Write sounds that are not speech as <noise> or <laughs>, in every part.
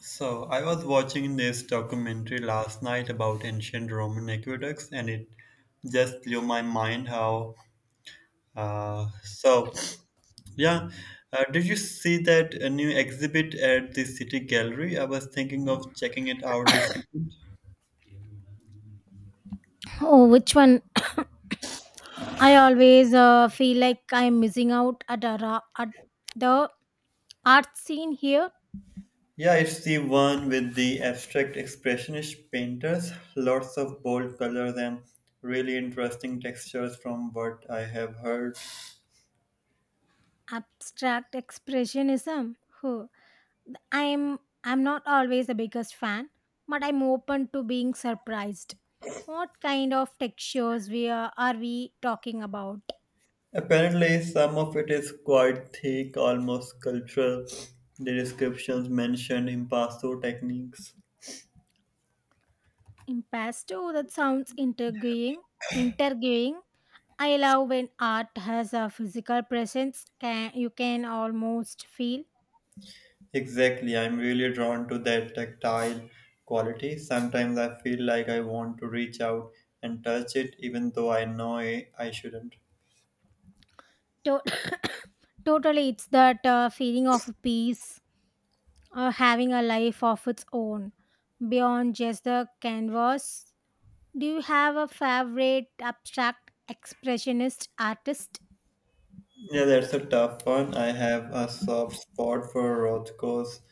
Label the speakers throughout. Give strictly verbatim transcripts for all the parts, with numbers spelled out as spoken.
Speaker 1: So, I was watching this documentary last night about ancient Roman aqueducts, and it just blew my mind how. Uh, so, yeah, uh, did you see that a new exhibit at the City Gallery? I was thinking of checking it out this weekend.
Speaker 2: Oh, which one? I always uh, feel like I'm missing out at, a ra- at the art scene here.
Speaker 1: Yeah, it's the one with the abstract expressionist painters, lots of bold colors and really interesting textures from what I have heard.
Speaker 2: Abstract expressionism. Huh. I'm I'm not always the biggest fan, but I'm open to being surprised. What kind of textures we are, are we talking about?
Speaker 1: Apparently, some of it is quite thick, almost sculptural. The descriptions mentioned impasto techniques.
Speaker 2: Impasto. That sounds intriguing. Interviewing. I love when art has a physical presence. Can you can almost feel.
Speaker 1: Exactly, I'm really drawn to that tactile quality. Sometimes I feel like I want to reach out and touch it, even though I know I I shouldn't.
Speaker 2: So totally, it's that uh, feeling of peace, uh, having a life of its own beyond just the canvas. Do you have a favorite abstract expressionist artist?
Speaker 1: Yeah, that's a tough one. I have a soft spot for Rothko's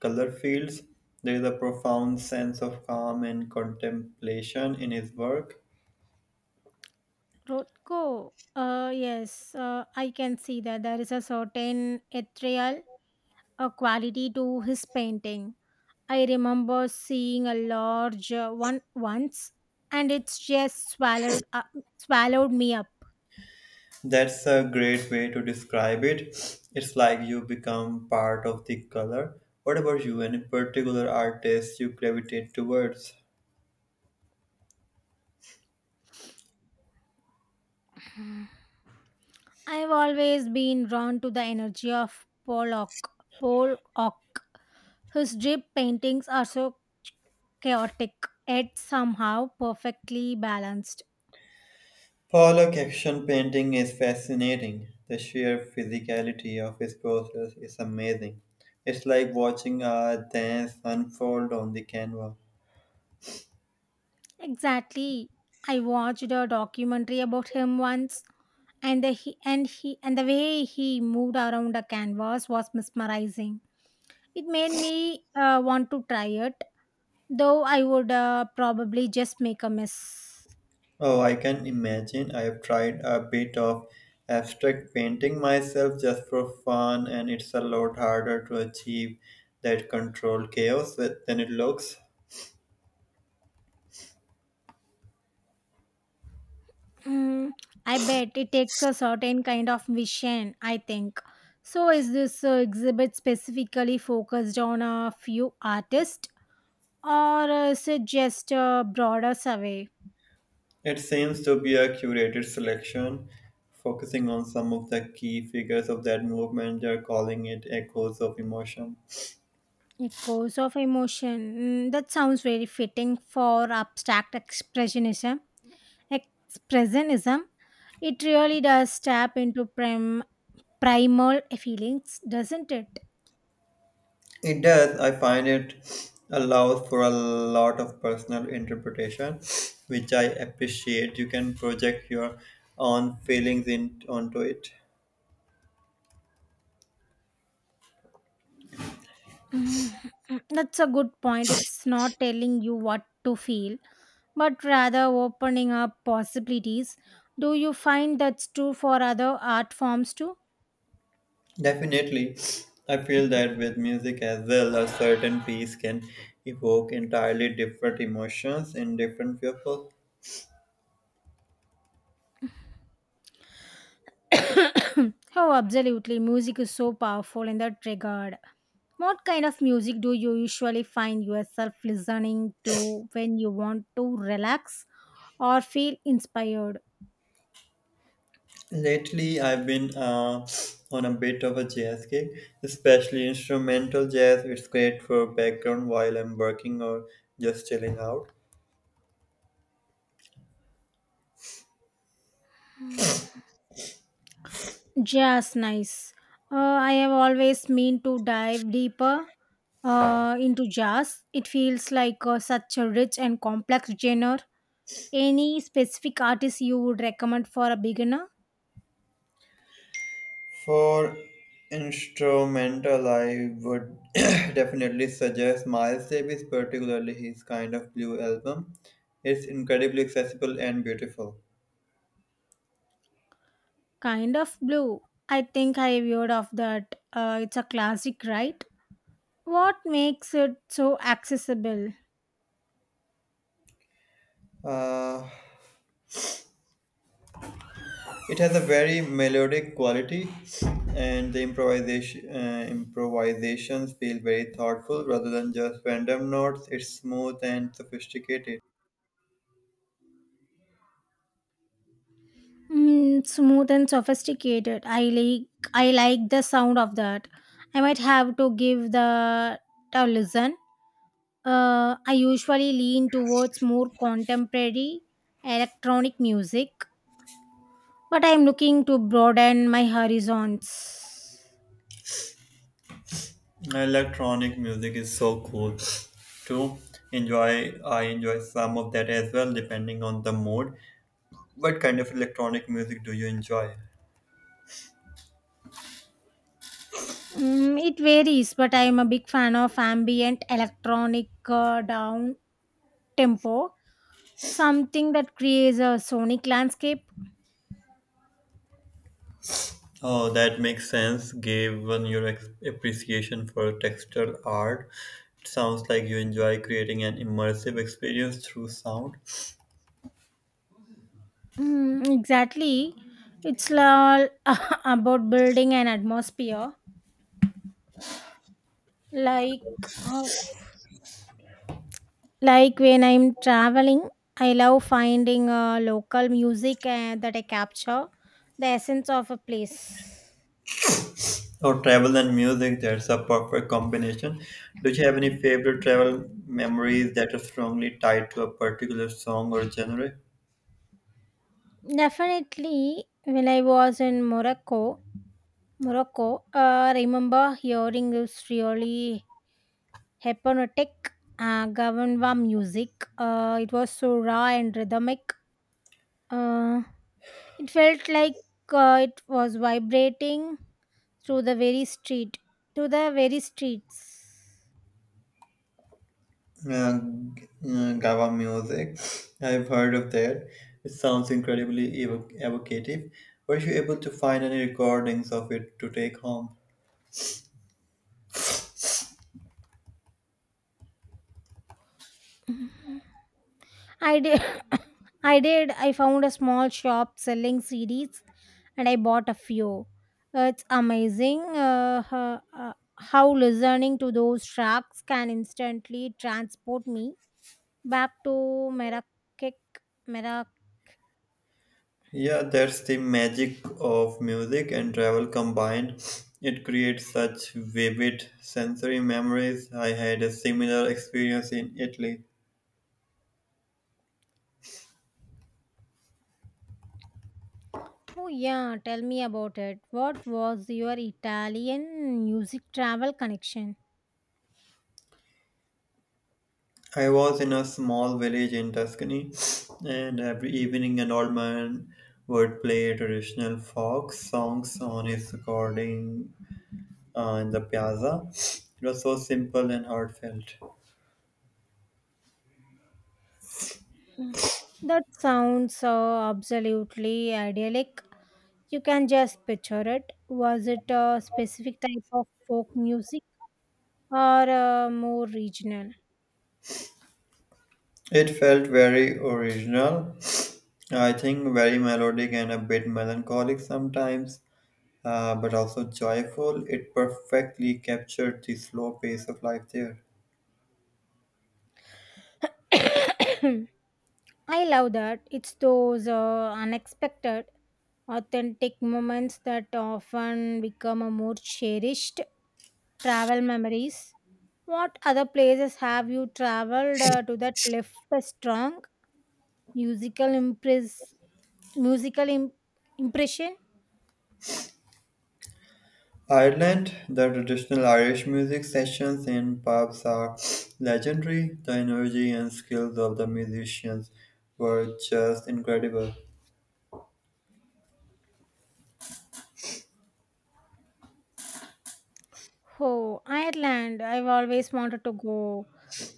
Speaker 1: color fields. There is a profound sense of calm and contemplation in his work.
Speaker 2: Rothko. Uh, yes, uh, I can see that there is a certain ethereal uh, quality to his painting. I remember seeing a large uh, one once, and it's just swallowed uh, swallowed me up.
Speaker 1: That's a great way to describe it. It's like you become part of the color. What about you? Any particular artist you gravitate towards?
Speaker 2: I've always been drawn to the energy of Pollock. Pollock. His drip paintings are so chaotic, yet somehow perfectly balanced.
Speaker 1: Pollock action painting is fascinating. The sheer physicality of his process is amazing. It's like watching a dance unfold on the canvas.
Speaker 2: Exactly. I watched a documentary about him once, and the he and he and the way he moved around the canvas was mesmerizing. It made me uh, want to try it, though I would uh, probably just make a mess.
Speaker 1: Oh, I can imagine. I have tried a bit of abstract painting myself just for fun, and it's a lot harder to achieve that controlled chaos that- than it looks.
Speaker 2: Mm, I bet it takes a certain kind of vision, I think. So, is this uh, exhibit specifically focused on a few artists or uh, is it just a broader survey?
Speaker 1: It seems to be a curated selection, focusing on some of the key figures of that movement. They're calling it echoes of emotion.
Speaker 2: Echoes of emotion. Mm, that sounds very fitting for abstract expressionism. Expressionism. It really does tap into prim- primal feelings, doesn't it?
Speaker 1: It does. I find it allows for a lot of personal interpretation, which I appreciate. You can project your own feelings in, onto it.
Speaker 2: Mm, mm, That's a good point. It's not telling you what to feel but rather opening up possibilities. Do you find that's true for other art forms too?
Speaker 1: Definitely, I feel that with music as well, a certain piece can evoke entirely different emotions in different people.
Speaker 2: <coughs> oh, absolutely. Music is so powerful in that regard. What kind of music do you usually find yourself listening to when you want to relax or feel inspired?
Speaker 1: Lately, I've been uh, on a bit of a jazz kick, especially instrumental jazz. It's great for background while I'm working or just chilling out.
Speaker 2: Just nice. Uh, I have always meant to dive deeper uh, into jazz. It feels like uh, such a rich and complex genre. Any specific artist you would recommend for a beginner?
Speaker 1: For instrumental, I would <coughs> <clears throat> definitely suggest Miles Davis, particularly his kind of blue album. It's incredibly accessible and beautiful.
Speaker 2: Kind of blue. I think I've heard of that. Uh, it's a classic, right? What makes it so accessible?
Speaker 1: Uh, it has a very melodic quality, and the improvisation uh, improvisations feel very thoughtful rather than just random notes. It's smooth and sophisticated.
Speaker 2: Mm, smooth and sophisticated. I like I like the sound of that. I might have to give the a listen. Uh, I usually lean towards more contemporary electronic music, but I'm looking to broaden my horizons.
Speaker 1: Electronic music is so cool to enjoy. I enjoy some of that as well, depending on the mood. What kind of electronic music do you enjoy?
Speaker 2: Mm, it varies, but I am a big fan of ambient electronic uh, down tempo, something that creates a sonic landscape.
Speaker 1: Oh, that makes sense, given your ex- appreciation for textural art. It sounds like you enjoy creating an immersive experience through sound.
Speaker 2: Mm, exactly. It's all <laughs> about building an atmosphere. Like, uh, like when I'm traveling, I love finding uh, local music uh, that I capture the essence of a place.
Speaker 1: Or travel and music, that's a perfect combination. Do you have any favorite travel memories that are strongly tied to a particular song or genre?
Speaker 2: Definitely, when I was in Morocco, Morocco. Uh, I remember hearing this really hypnotic uh, Gavanwa music. Uh, it was so raw and rhythmic. Uh, it felt like uh, it was vibrating through the very street, to the very streets.
Speaker 1: Uh, uh, Gava music. I've heard of that. It sounds incredibly evo- evocative. Were you able to find any recordings of it to take home?
Speaker 2: I did. <coughs> I did. I found a small shop selling C Ds, and I bought a few. Uh, It's amazing uh, ho- uh, how listening to those tracks can instantly transport me back to Marrakech. Marrakech.
Speaker 1: Yeah, that's the magic of music and travel combined. It creates such vivid sensory memories. I had a similar experience in Italy.
Speaker 2: Oh yeah, tell me about it. What was your Italian music travel connection?
Speaker 1: I was in a small village in Tuscany, and every evening an old man would play traditional folk songs on his recording uh, in the piazza. It was so simple and heartfelt.
Speaker 2: That sounds uh, absolutely idyllic. You can just picture it. Was it a specific type of folk music or uh, more regional?
Speaker 1: It felt very original, I think very melodic and a bit melancholic sometimes, uh, but also joyful. It perfectly captured the slow pace of life there.
Speaker 2: <coughs> I love that. It's those uh, unexpected, authentic moments that often become a more cherished travel memories. What other places have you traveled uh, to that left a strong musical impress musical im- impression?
Speaker 1: Ireland, the traditional Irish music sessions in pubs are legendary. The energy and skills of the musicians were just incredible.
Speaker 2: Oh, Ireland. I've always wanted to go.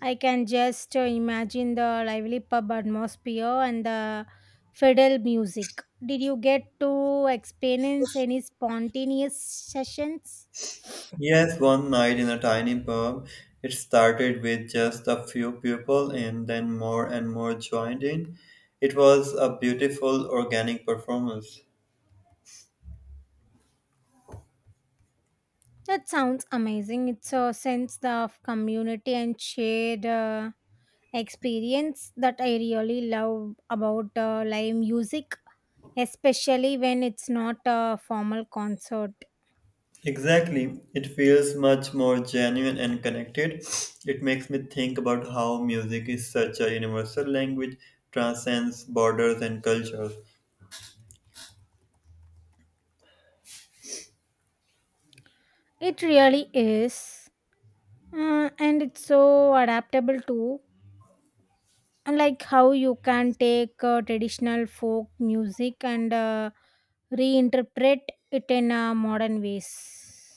Speaker 2: I can just uh, imagine the lively pub atmosphere and the fiddle music. Did you get to experience any spontaneous sessions?
Speaker 1: Yes, one night in a tiny pub, it started with just a few people and then more and more joined in. It was a beautiful organic performance.
Speaker 2: That sounds amazing. It's a sense of community and shared uh, experience that I really love about uh, live music, especially when it's not a formal concert.
Speaker 1: Exactly. It feels much more genuine and connected. It makes me think about how music is such a universal language, transcends borders and cultures.
Speaker 2: It really is. Uh, and it's so adaptable too. Unlike how you can take uh, traditional folk music and uh, reinterpret it in uh, modern ways.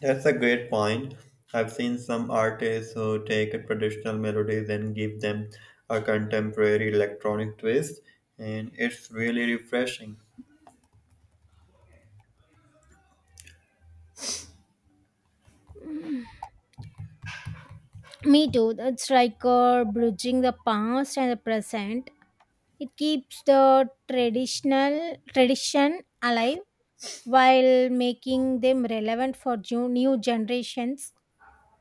Speaker 1: That's a great point. I've seen some artists who take traditional melodies and give them a contemporary electronic twist, and it's really refreshing.
Speaker 2: Me too. It's like uh, bridging the past and the present. It keeps the traditional tradition alive while making them relevant for ju- new generations.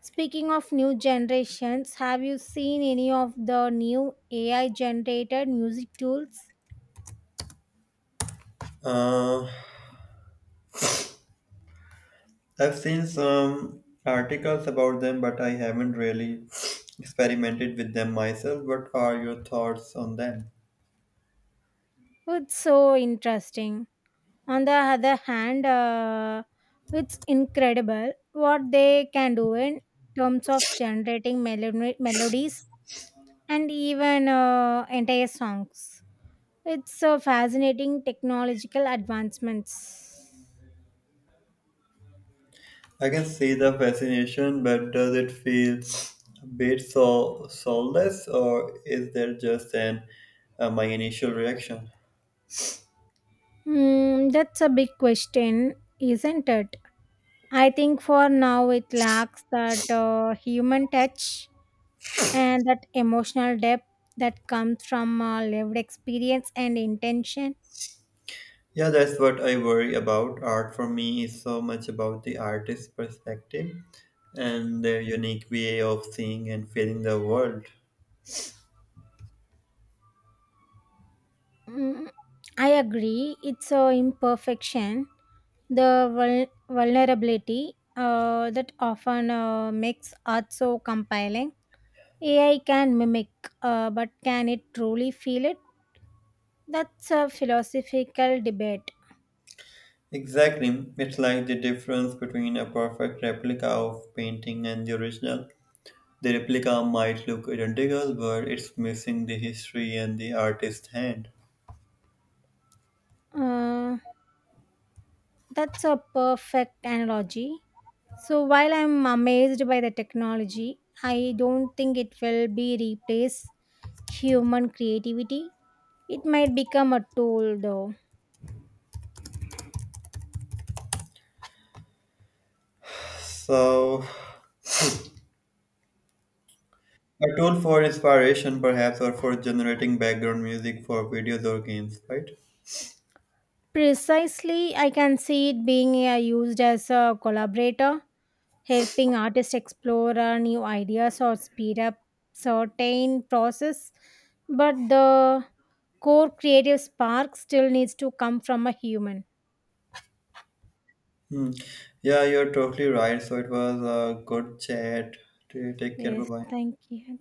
Speaker 2: Speaking of new generations, have you seen any of the new A I generated music tools?
Speaker 1: Uh, I've seen some articles about them, but I haven't really experimented with them myself. What are your thoughts on them?
Speaker 2: It's so interesting. On the other hand, uh, it's incredible what they can do in terms of generating melo- melodies and even uh, entire songs. It's a fascinating technological advancements.
Speaker 1: I can see the fascination, but does it feel a bit so soulless, or is there just an uh, my initial reaction?
Speaker 2: Hmm, that's a big question, isn't it? I think for now it lacks that uh, human touch and that emotional depth that comes from uh, lived experience and intention.
Speaker 1: Yeah, that's what I worry about. Art for me is so much about the artist's perspective and their unique way of seeing and feeling the world.
Speaker 2: Mm, I agree, it's a imperfection, the vul- vulnerability uh, that often uh, makes art so compelling. A I can mimic, uh, but can it truly feel it? That's a philosophical debate.
Speaker 1: Exactly, it's like the difference between a perfect replica of painting and the original. The replica might look identical, but it's missing the history and the artist's hand.
Speaker 2: Uh, that's a perfect analogy. So while I'm amazed by the technology, I don't think it will be replace human creativity. It might become a tool though.
Speaker 1: So, a tool for inspiration, perhaps, or for generating background music for videos or games, right?
Speaker 2: Precisely, I can see it being uh, used as a collaborator, helping artists explore uh, new ideas or speed up certain process, but the core creative spark still needs to come from a human.
Speaker 1: Hmm. Yeah, you're totally right. So, it was a good chat. Take care. Bye
Speaker 2: Yes,
Speaker 1: bye.
Speaker 2: thank you.